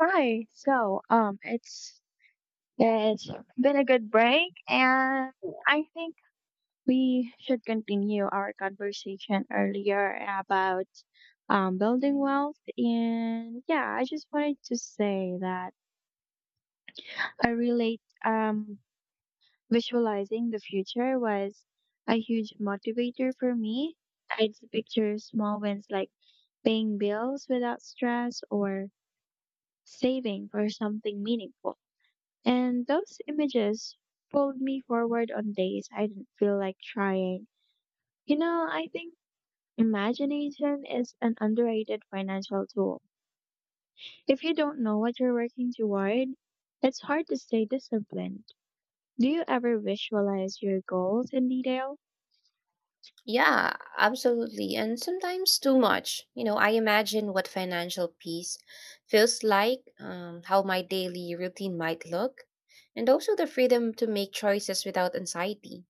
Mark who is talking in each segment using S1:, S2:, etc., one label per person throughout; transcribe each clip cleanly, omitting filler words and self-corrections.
S1: Hi. It's been a good break, and
S2: Cool.
S1: I think we should continue our conversation earlier about building wealth. And yeah, I just wanted to say that I relate, visualizing the future was a huge motivator for me. I'd picture small wins like paying bills without stress or saving for something meaningful. And those images pulled me forward on days I didn't feel like trying. You know, I think imagination is an underrated financial tool. If you don't know what you're working toward, it's hard to stay disciplined. Do you ever visualize your goals in detail?
S2: Yeah, absolutely. And sometimes too much. You know, I imagine what financial peace feels like, how my daily routine might look, and also the freedom to make choices without anxiety.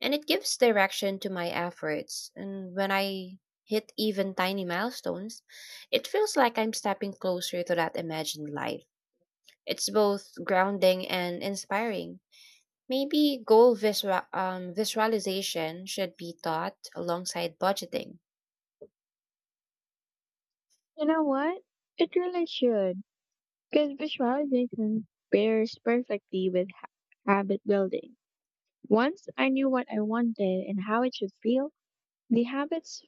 S2: And it gives direction to my efforts. And when I hit even tiny milestones, it feels like I'm stepping closer to that imagined life. It's both grounding and inspiring. Maybe visualization should be taught alongside budgeting.
S1: You know what? It really should, because visualization pairs perfectly with habit building. Once I knew what I wanted and how it should feel, the habits,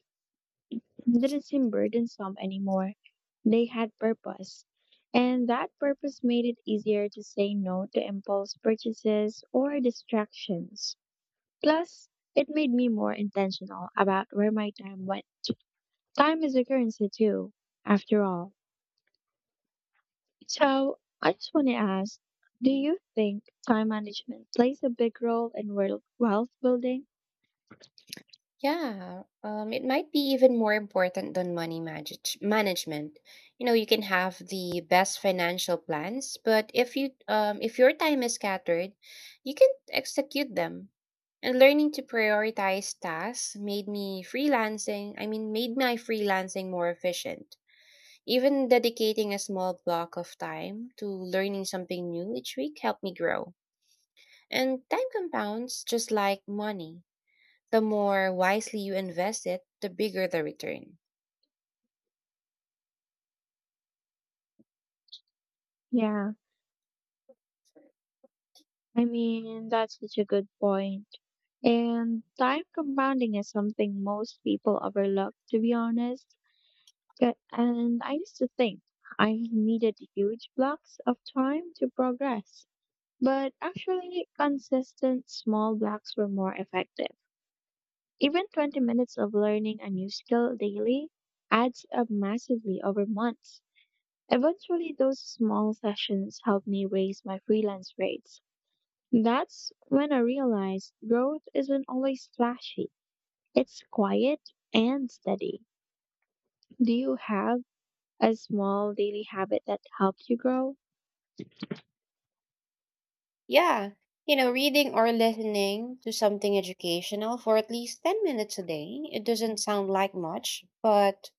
S1: they didn't seem burdensome anymore. They had purpose. And that purpose made it easier to say no to impulse purchases or distractions. Plus, it made me more intentional about where my time went. Time is a currency too, after all. So, I just want to ask, do you think time management plays a big role in wealth building?
S2: Yeah, it might be even more important than money management. You know, you can have the best financial plans, but if your time is scattered, you can execute them. And learning to prioritize tasks made me freelancing. I mean, made my freelancing more efficient. Even dedicating a small block of time to learning something new each week helped me grow. And time compounds just like money. The more wisely you invest it, the bigger the return.
S1: Yeah. I mean, that's such a good point. And time compounding is something most people overlook, to be honest. And I used to think I needed huge blocks of time to progress. But actually, consistent small blocks were more effective. Even 20 minutes of learning a new skill daily adds up massively over months. Eventually, those small sessions helped me raise my freelance rates. That's when I realized growth isn't always flashy. It's quiet and steady. Do you have a small daily habit that helps you grow?
S2: Yeah, you know, reading or listening to something educational for at least 10 minutes a day, it doesn't sound like much, but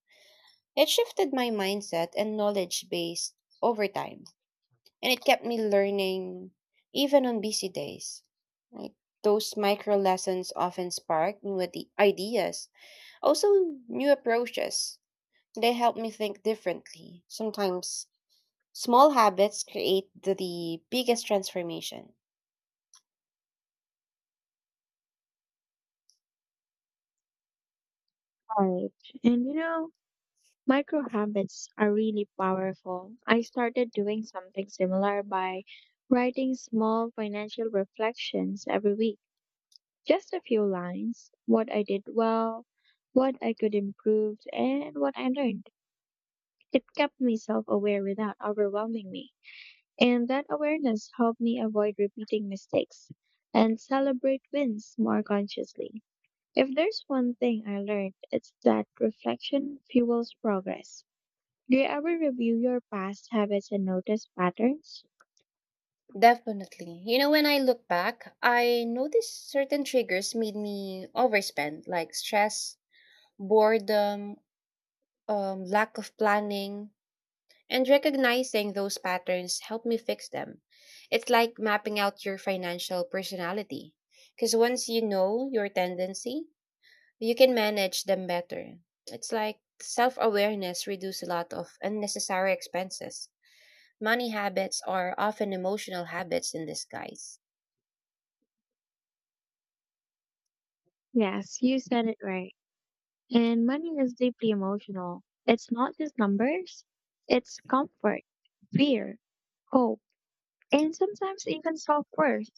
S2: it shifted my mindset and knowledge base over time. And it kept me learning even on busy days. Like those micro lessons often spark new ideas, also new approaches. They help me think differently, sometimes. Small habits create the biggest transformation.
S1: Right. And you know, micro habits are really powerful. I started doing something similar by writing small financial reflections every week. Just a few lines, what I did well, what I could improve, and what I learned. It kept me self aware without overwhelming me. And that awareness helped me avoid repeating mistakes and celebrate wins more consciously. If there's one thing I learned, it's that reflection fuels progress. Do you ever review your past habits and notice patterns?
S2: Definitely. You know, when I look back, I noticed certain triggers made me overspend, like stress, boredom, lack of planning, and recognizing those patterns helped me fix them. It's like mapping out your financial personality. Because once you know your tendency, you can manage them better. It's like self awareness reduces a lot of unnecessary expenses. Money habits are often emotional habits in disguise.
S1: Yes, you said it right. And money is deeply emotional. It's not just numbers, it's comfort, fear, hope, and sometimes even self worth.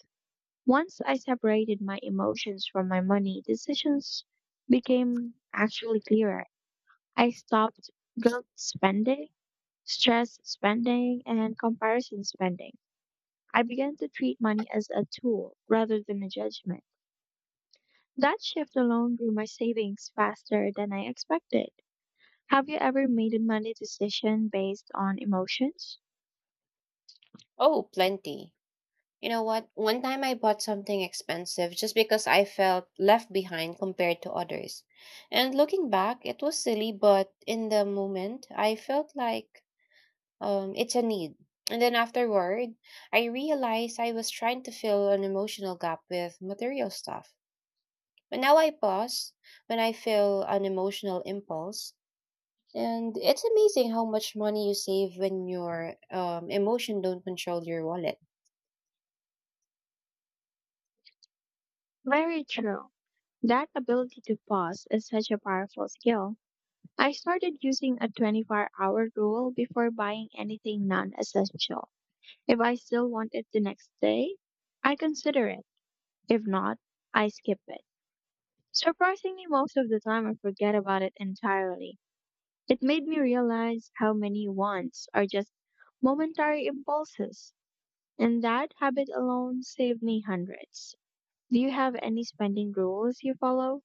S1: Once I separated my emotions from my money, decisions became actually clearer. I stopped guilt spending, stress spending, and comparison spending. I began to treat money as a tool rather than a judgment. That shift alone grew my savings faster than I expected. Have you ever made a money decision based on emotions?
S2: Oh, plenty. You know what? One time I bought something expensive just because I felt left behind compared to others. And looking back, it was silly, but in the moment, I felt like it's a need. And then afterward, I realized I was trying to fill an emotional gap with material stuff. But now I pause when I feel an emotional impulse. And it's amazing how much money you save when your emotion don't control your wallet.
S1: Very true. That ability to pause is such a powerful skill. I started using a 24- hour rule before buying anything non essential. If I still want it the next day, I consider it. If not, I skip it. Surprisingly, most of the time I forget about it entirely. It made me realize how many wants are just momentary impulses, and that habit alone saved me hundreds. Do you have any spending rules you follow?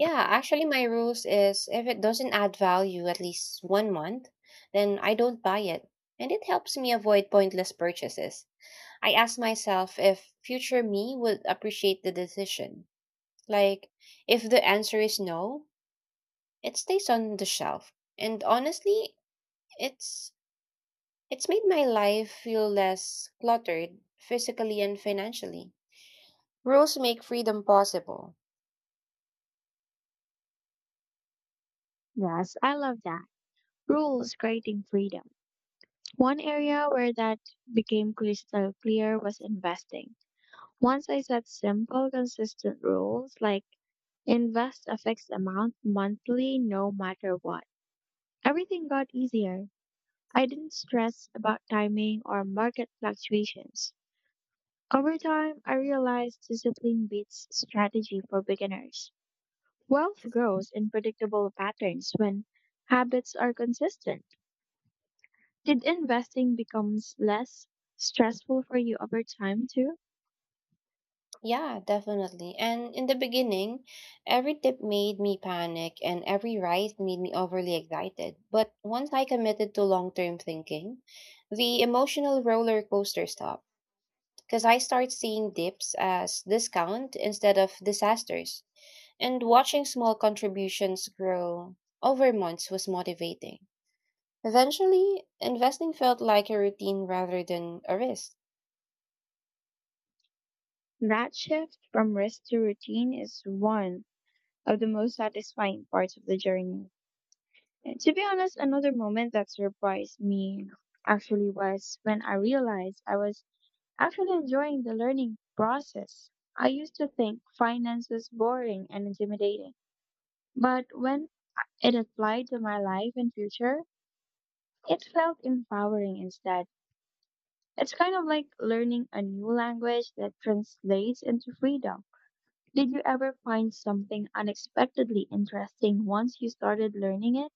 S2: Yeah, actually, my rules is if it doesn't add value at least one month, then I don't buy it. And it helps me avoid pointless purchases. I ask myself if future me would appreciate the decision. Like, if the answer is no, it stays on the shelf. And honestly, it's it's made my life feel less cluttered physically and financially. Rules make freedom possible.
S1: Yes, I love that. Rules creating freedom. One area where that became crystal clear was investing. Once I set simple, consistent rules like invest a fixed amount monthly no matter what, everything got easier. I didn't stress about timing or market fluctuations. Over time, I realized discipline beats strategy for beginners. Wealth grows in predictable patterns when habits are consistent. Did investing becomes less stressful for you over time too?
S2: Yeah, definitely. And in the beginning, every tip made me panic and every rise made me overly excited. But once I committed to long term thinking, the emotional roller coaster stopped because I start seeing dips as discount instead of disasters. And watching small contributions grow over months was motivating. Eventually, investing felt like a routine rather than a risk.
S1: That shift from risk to routine is one of the most satisfying parts of the journey. And to be honest, another moment that surprised me actually was when I realized I was actually enjoying the learning process. I used to think finance was boring and intimidating, but when it applied to my life and future, it felt empowering instead. It's kind of like learning a new language that translates into freedom. Did you ever find something unexpectedly interesting once you started learning it?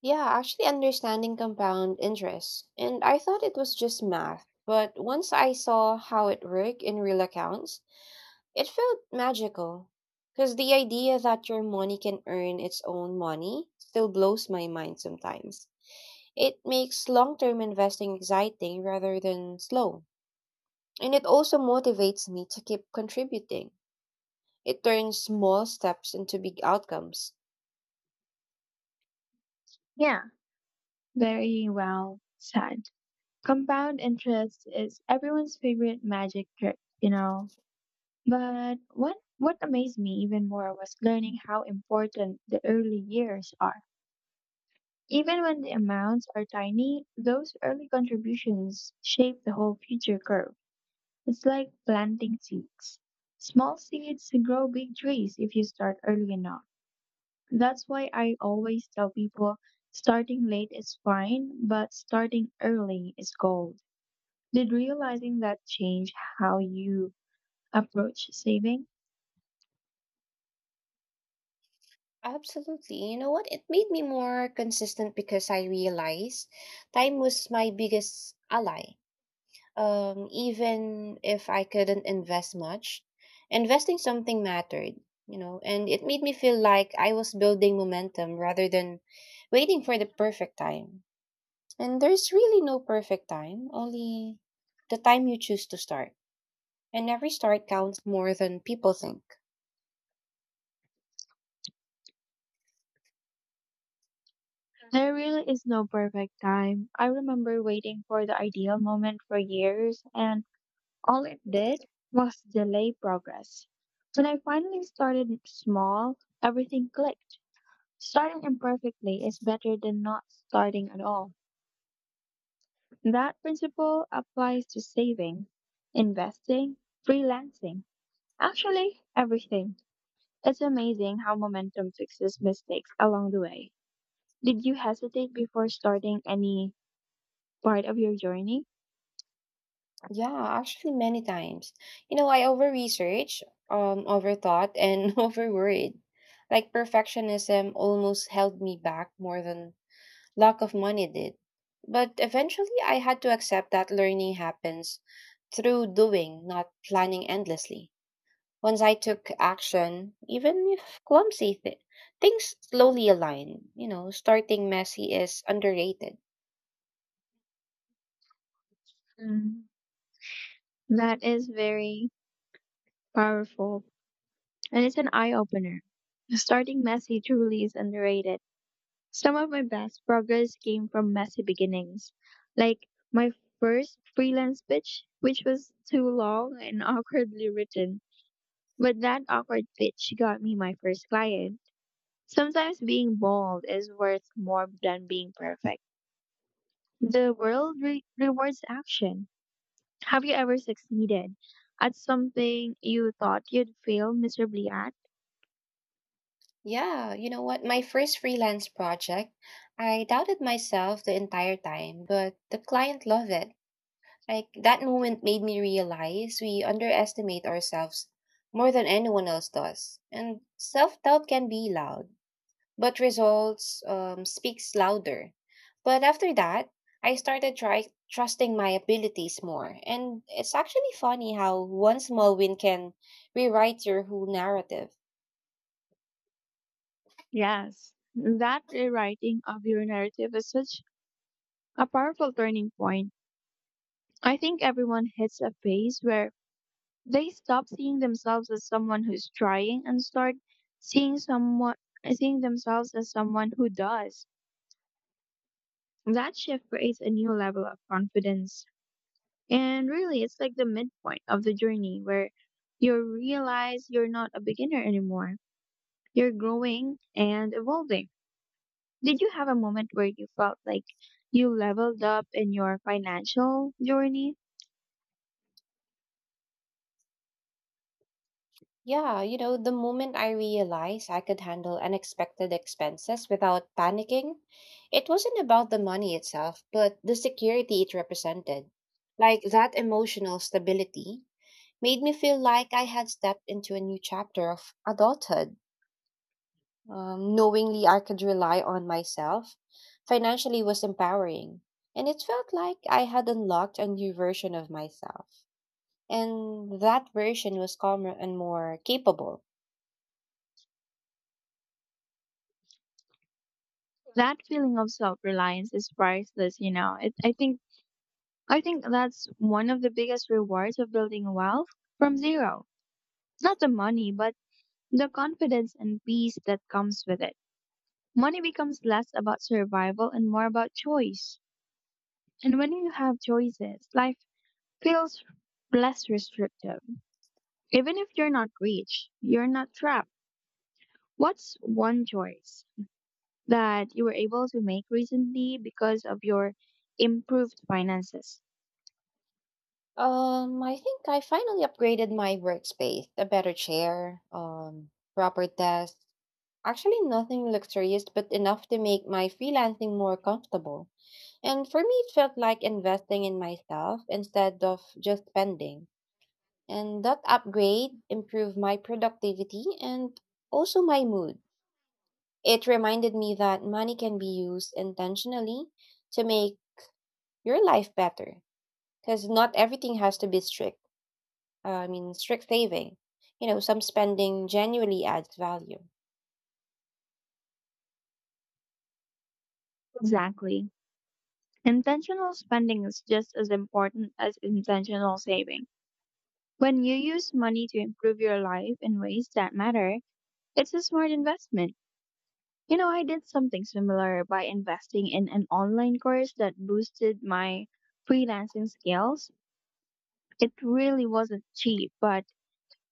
S2: Yeah, actually understanding compound interest. And I thought it was just math, but once I saw how it worked in real accounts, it felt magical. Because the idea that your money can earn its own money still blows my mind sometimes. It makes long term investing exciting rather than slow. And it also motivates me to keep contributing. It turns small steps into big outcomes.
S1: Yeah, very well said. Compound interest is everyone's favorite magic trick, you know. But what amazed me even more was learning how important the early years are. Even when the amounts are tiny, those early contributions shape the whole future curve. It's like planting seeds. Small seeds grow big trees if you start early enough. That's why I always tell people starting late is fine, but starting early is gold. Did realizing that change how you approach saving?
S2: Absolutely. You know what? It made me more consistent because I realized time was my biggest ally. Even if I couldn't invest much, investing something mattered, you know, and it made me feel like I was building momentum rather than waiting for the perfect time. And there's really no perfect time, only the time you choose to start. And every start counts more than people think.
S1: There really is no perfect time. I remember waiting for the ideal moment for years, and all it did was delay progress. When I finally started small, everything clicked. Starting imperfectly is better than not starting at all. That principle applies to saving, investing, freelancing, actually everything. It's amazing how momentum fixes mistakes along the way. Did you hesitate before starting any part of your journey?
S2: Yeah, actually many times. I over-research, overthought, and overworried. Like perfectionism almost held me back more than lack of money did. But eventually I had to accept that learning happens through doing, not planning endlessly. Once I took action, even if clumsy, things slowly aligned. You know, starting messy is underrated.
S1: Mm, that is very powerful and it's an eye opener. Starting messy truly is underrated. Some of my best progress came from messy beginnings, like my first freelance pitch, which was too long and awkwardly written. But that awkward pitch got me my first client. Sometimes being bold is worth more than being perfect. The world rewards action. Have you ever succeeded at something you thought you'd fail miserably at?
S2: Yeah, you know what? My first freelance project, I doubted myself the entire time, but the client loved it. Like that moment made me realize we underestimate ourselves more than anyone else does. And self doubt can be loud, but results speaks louder. But after that, I trusting my abilities more. And it's actually funny how one small win can rewrite your whole narrative.
S1: Yes. That rewriting of your narrative is such a powerful turning point. I think everyone hits a phase where they stop seeing themselves as someone who's trying and start seeing someone seeing themselves as someone who does. That shift creates a new level of confidence. And really it's like the midpoint of the journey where you realize you're not a beginner anymore. You're growing and evolving. Did you have a moment where you felt like you leveled up in your financial journey?
S2: Yeah, you know, the moment I realized I could handle unexpected expenses without panicking, it wasn't about the money itself, but the security it represented. Like that emotional stability made me feel like I had stepped into a new chapter of adulthood. Knowingly I could rely on myself financially was empowering. And it felt like I had unlocked a new version of myself. And that version was calmer and more capable.
S1: That feeling of self-reliance is priceless, you know it. I think that's one of the biggest rewards of building wealth from zero. It's not the money but the confidence and peace that comes with it. Money becomes less about survival and more about choice, and when you have choices, life feels less restrictive. Even if you're not rich, you're not trapped. What's one choice that you were able to make recently because of your improved finances?
S2: I think I finally upgraded my workspace, a better chair, proper desk. Actually, nothing luxurious, but enough to make my freelancing more comfortable. And for me, it felt like investing in myself instead of just spending. And that upgrade improved my productivity and also my mood. It reminded me that money can be used intentionally to make your life better because not everything has to be strict. I mean, strict saving. You know, some spending genuinely adds value.
S1: Exactly. Intentional spending is just as important as intentional saving. When you use money to improve your life in ways that matter, it's a smart investment. You know, I did something similar by investing in an online course that boosted my freelancing skills. It really wasn't cheap, but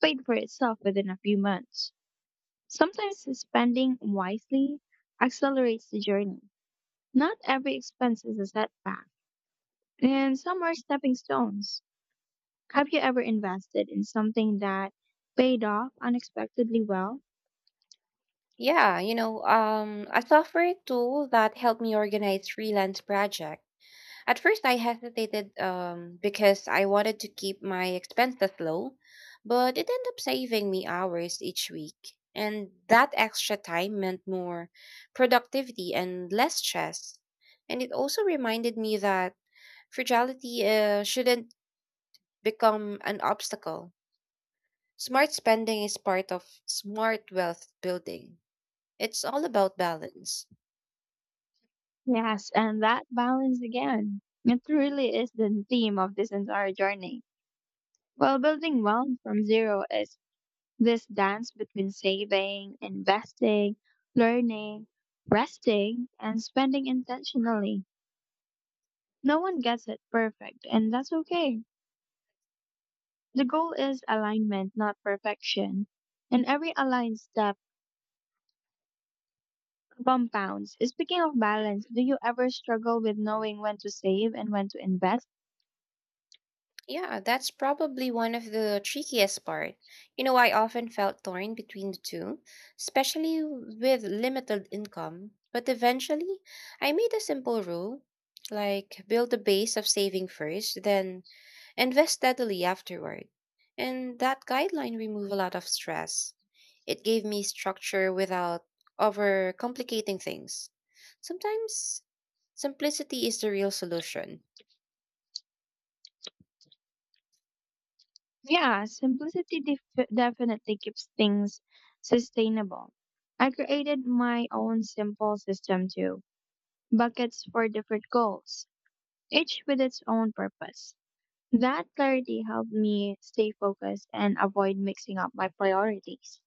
S1: paid for itself within a few months. Sometimes spending wisely accelerates the journey. Not every expense is a setback, and some are stepping stones. Have you ever invested in something that paid off unexpectedly well?
S2: Yeah, you know, a software tool that helped me organize freelance projects. At first, I hesitated because I wanted to keep my expenses low, but it ended up saving me hours each week. And that extra time meant more productivity and less stress. And it also reminded me that fragility shouldn't become an obstacle. Smart spending is part of smart wealth building, it's all about balance.
S1: Yes, and that balance again. It really is the theme of this entire journey. Well, building wealth from zero is this dance between saving, investing, learning, resting, and spending intentionally. No one gets it perfect, and that's okay. The goal is alignment, not perfection. And every aligned step compounds. Speaking of balance, do you ever struggle with knowing when to save and when to invest?
S2: Yeah, that's probably one of the trickiest part. You know, I often felt torn between the two, especially with limited income. But eventually, I made a simple rule, like build a base of saving first, then invest steadily afterward. And that guideline removed a lot of stress. It gave me structure without overcomplicating things. Sometimes simplicity is the real solution.
S1: Yeah, simplicity definitely keeps things sustainable. I created my own simple system too, buckets for different goals, each with its own purpose. That clarity helped me stay focused and avoid mixing up my priorities.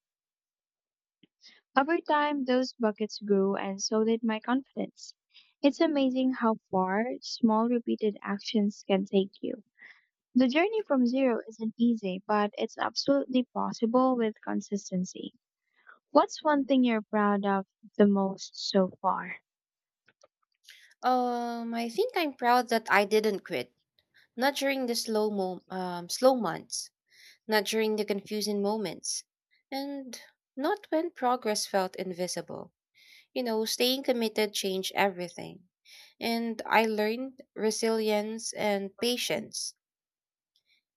S1: Over time, those buckets grew and so did my confidence. It's amazing how far small repeated actions can take you. The journey from zero isn't easy, but it's absolutely possible with consistency. What's one thing you're proud of the most so far?
S2: I think I'm proud that I didn't quit. Not during the slow months, not during the confusing moments, and not when progress felt invisible. You know, staying committed changed everything. And I learned resilience and
S1: You
S2: patience.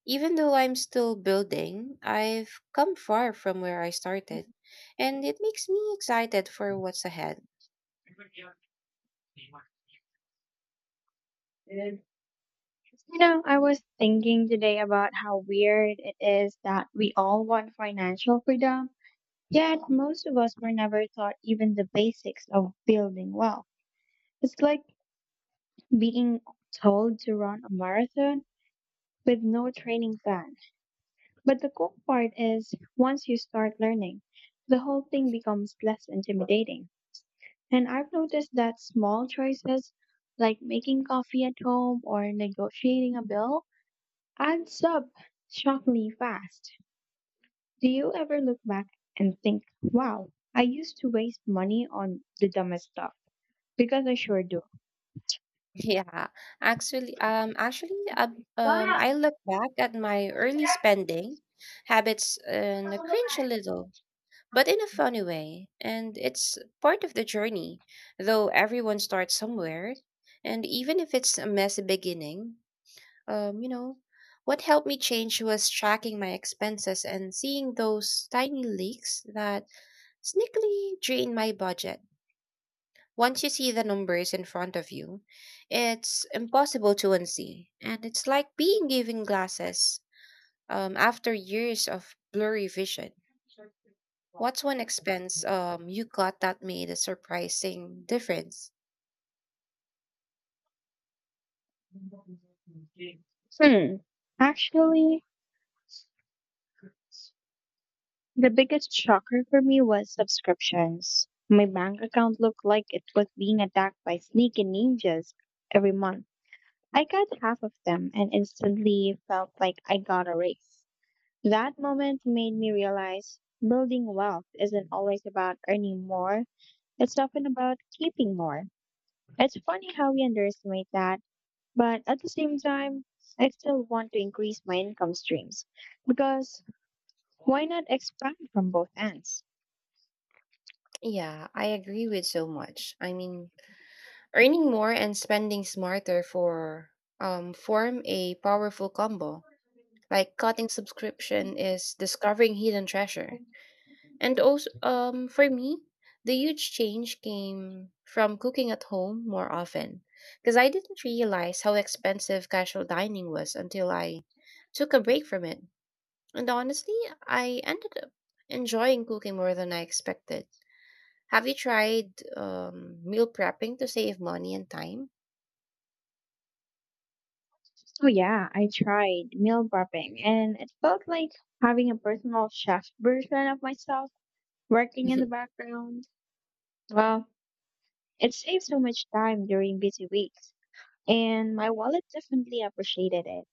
S2: Even though I'm still building, I've come far from where I started, and it makes me excited for what's ahead.
S1: know, I was thinking today about how weird it is that we all want financial freedom, yet most of us were never taught even the basics of building wealth. It's like being told to run a marathon with no training plan. But the cool part is, once you start learning, the whole thing becomes less intimidating. And I've noticed that small choices like making coffee at home or negotiating a bill adds up shockingly fast. Do you ever look back and think, wow, I used to waste money on the dumbest stuff? Because I sure do.
S2: Yeah, actually, um, actually, uh,
S1: But-
S2: I look back at my early spending habits and I cringe a little, but in a funny way. And it's part of the journey, though everyone starts somewhere. And even if it's a messy beginning, you know, what helped me change was tracking my expenses and seeing those tiny leaks that sneakily drain my budget. Once you see the numbers in front of you, it's impossible to unsee. And it's like being given glasses after years of blurry vision. What's one expense you got that made a surprising difference?
S1: Hmm. Actually, the biggest shocker for me was subscriptions. My bank account looked like it was being attacked by sneaky ninjas every month. I got half of them and instantly felt like I got a raise. That moment made me realize building wealth isn't always about earning more, it's often about keeping more. It's funny how we underestimate that, but at the same time, I still want to increase my income streams because why not expand from both ends?
S2: Yeah, I agree with so much. I mean, earning more and spending smarter form a powerful combo. Like cutting subscription is discovering hidden treasure. And also, for me, the huge change came from cooking at home more often because I didn't realize how expensive casual dining was until I took a break from it. And honestly, I ended up enjoying cooking more than I expected. Have you tried meal prepping to save money and time?
S1: So yeah, I tried meal prepping and it felt like having a personal chef version of myself working in the background. Well, it saved so much time during busy weeks and my wallet definitely appreciated it.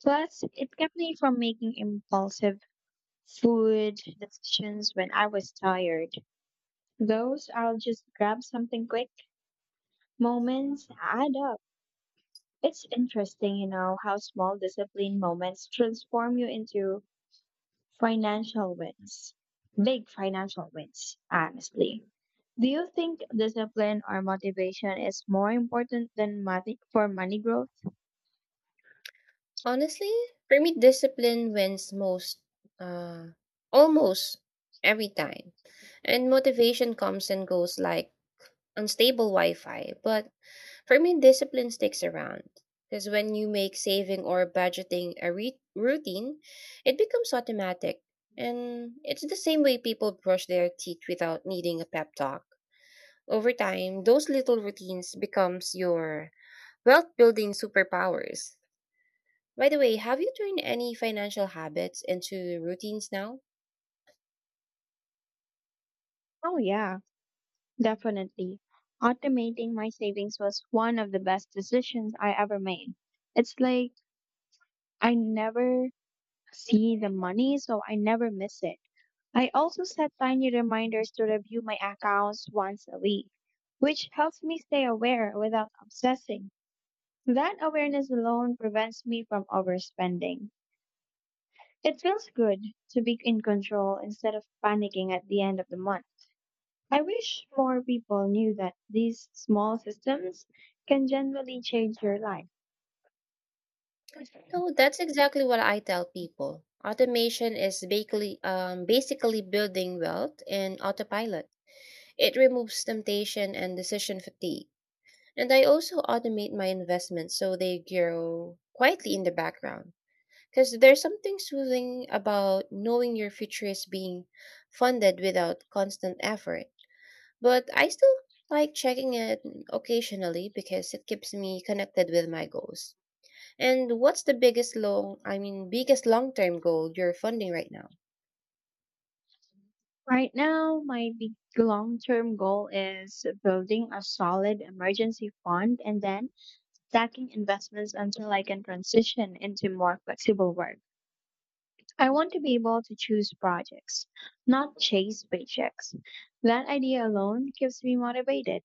S1: Plus, it kept me from making impulsive food decisions when I was tired. Those "I'll just grab something quick" moments add up. It's interesting, you know, how small discipline moments transform you into financial wins. Big financial wins, honestly. Do you think discipline or motivation is more important than money for money growth?
S2: Honestly, for me, discipline wins most, uh, almost every time. And motivation comes and goes like unstable Wi-Fi, but for me, discipline sticks around. Because when you make saving or budgeting a routine, it becomes automatic. And it's the same way people brush their teeth without needing a pep talk. Over time, those little routines becomes your wealth-building superpowers. By the way, have you turned any financial habits into routines now?
S1: Oh, yeah, definitely. Automating my savings was one of the best decisions I ever made. It's like I never see the money, so I never miss it. I also set tiny reminders to review my accounts once a week, which helps me stay aware without obsessing. That awareness alone prevents me from overspending. It feels good to be in control instead of panicking at the end of the month. I wish more people knew that these small systems can generally change your life.
S2: No, that's exactly what I tell people. Automation is basically building wealth in autopilot. It removes temptation and decision fatigue. And I also automate my investments so they grow quietly in the background. Because there's something soothing about knowing your future is being funded without constant effort. But I still like checking it occasionally because it keeps me connected with my goals. And what's the biggest long-term goal you're funding right now?
S1: Right now, my big long-term goal is building a solid emergency fund and then stacking investments until I can transition into more flexible work. I want to be able to choose projects, not chase paychecks. That idea alone keeps me motivated.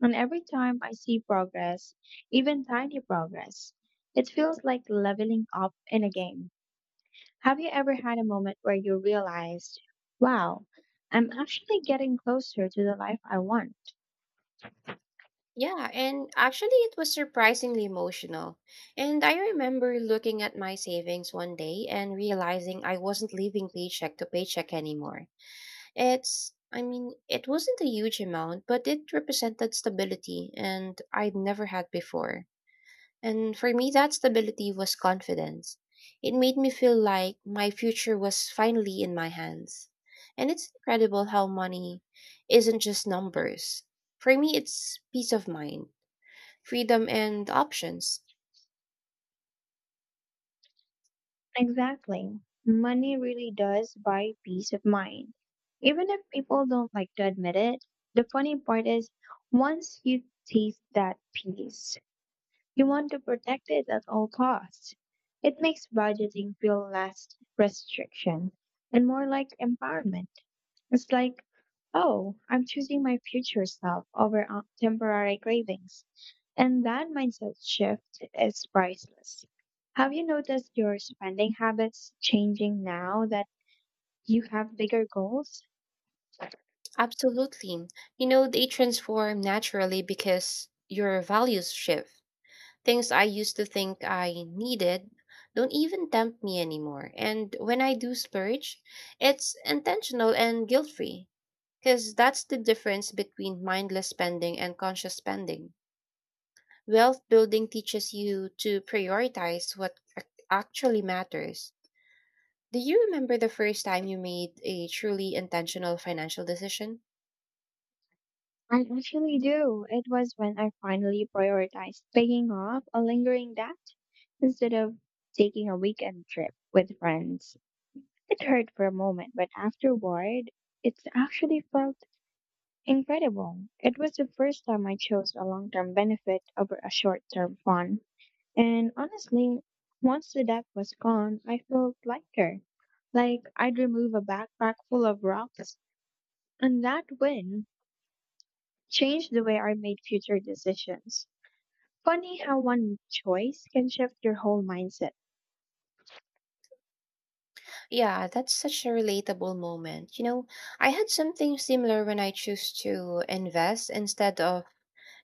S1: And every time I see progress, even tiny progress, it feels like leveling up in a game. Have you ever had a moment where you realized, wow, I'm actually getting closer to the life I want?
S2: Yeah, and actually, it was surprisingly emotional. And I remember looking at my savings one day and realizing I wasn't living paycheck to paycheck anymore. It wasn't a huge amount, but it represented stability, and I'd never had before. And for me, that stability was confidence. It made me feel like my future was finally in my hands. And it's incredible how money isn't just numbers. For me, it's peace of mind, freedom and options.
S1: Exactly. Money really does buy peace of mind. Even if people don't like to admit it, the funny part is once you taste that peace, you want to protect it at all costs. It makes budgeting feel less restriction and more like empowerment. It's like, oh, I'm choosing my future self over temporary cravings. And that mindset shift is priceless. Have you noticed your spending habits changing now that you have bigger goals?
S2: Absolutely. You know, they transform naturally because your values shift. Things I used to think I needed don't even tempt me anymore. And when I do splurge, it's intentional and guilt free because that's the difference between mindless spending and conscious spending. Wealth building teaches you to prioritize what actually matters. Do you remember the first time you made a truly intentional financial decision?
S1: I actually do. It was when I finally prioritized paying off a lingering debt instead of taking a weekend trip with friends. It hurt for a moment, but afterward, it actually felt incredible. It was the first time I chose a long term benefit over a short term fun. And honestly, once the debt was gone, I felt lighter. Like I'd remove a backpack full of rocks, and that win changed the way I made future decisions. Funny how one choice can shift your whole mindset.
S2: Yeah, that's such a relatable moment. You know, I had something similar when I chose to invest instead of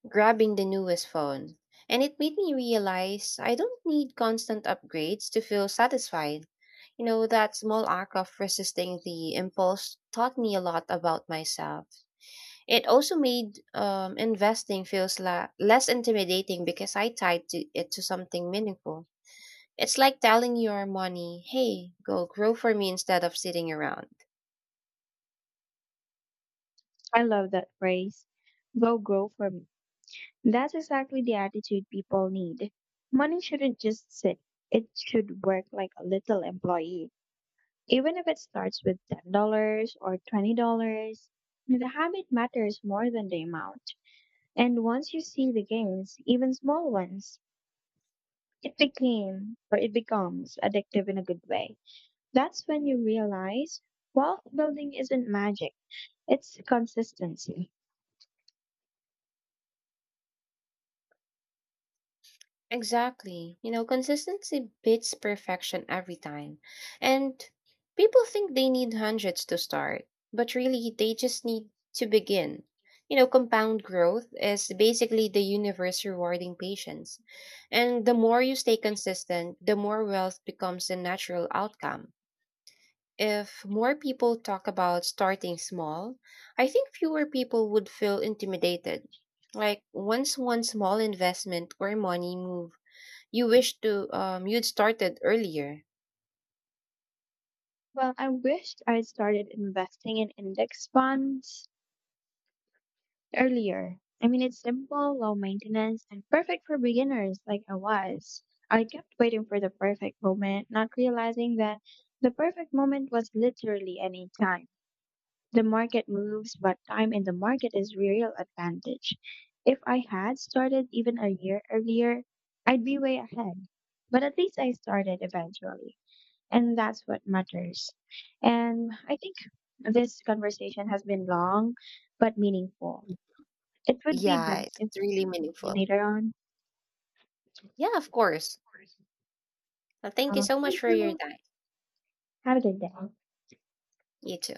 S2: grabbing the newest phone. And it made me realize I don't need constant upgrades to feel satisfied. You know, that small act of resisting the impulse taught me a lot about myself. It also made investing less intimidating because I tied to it to something meaningful. It's like telling your money, hey, go grow for me instead of sitting around.
S1: I love that phrase. Go grow for me. That's exactly the attitude people need. Money shouldn't just sit, it should work like a little employee. Even if it starts with $10 or $20, the habit matters more than the amount. And once you see the gains, even small ones, it became or it becomes addictive in a good way. That's when you realize wealth building isn't magic. It's consistency.
S2: Exactly. You know, consistency beats perfection every time. And people think they need hundreds to start, but really they just need to begin. You know, compound growth is basically the universe rewarding patience. And the more you stay consistent, the more wealth becomes a natural outcome. If more people talk about starting small, I think fewer people would feel intimidated. Like once one small investment or money move you wish to you'd started earlier.
S1: Well, I wished I had started investing in index funds earlier. I mean, it's simple, low maintenance, and perfect for beginners like I was. I kept waiting for the perfect moment, not realizing that the perfect moment was literally any time. The market moves, but time in the market is real advantage. If I had started even a year earlier, I'd be way ahead. But at least I started eventually, and that's what matters. And I think this conversation has been long but meaningful. It would be
S2: Yeah,
S1: best
S2: it's
S1: if
S2: really
S1: we
S2: meaningful.
S1: continue later on.
S2: Yeah, of course. Thank you so much
S1: Thank
S2: for your
S1: you.
S2: time.
S1: Have a good day.
S2: You too.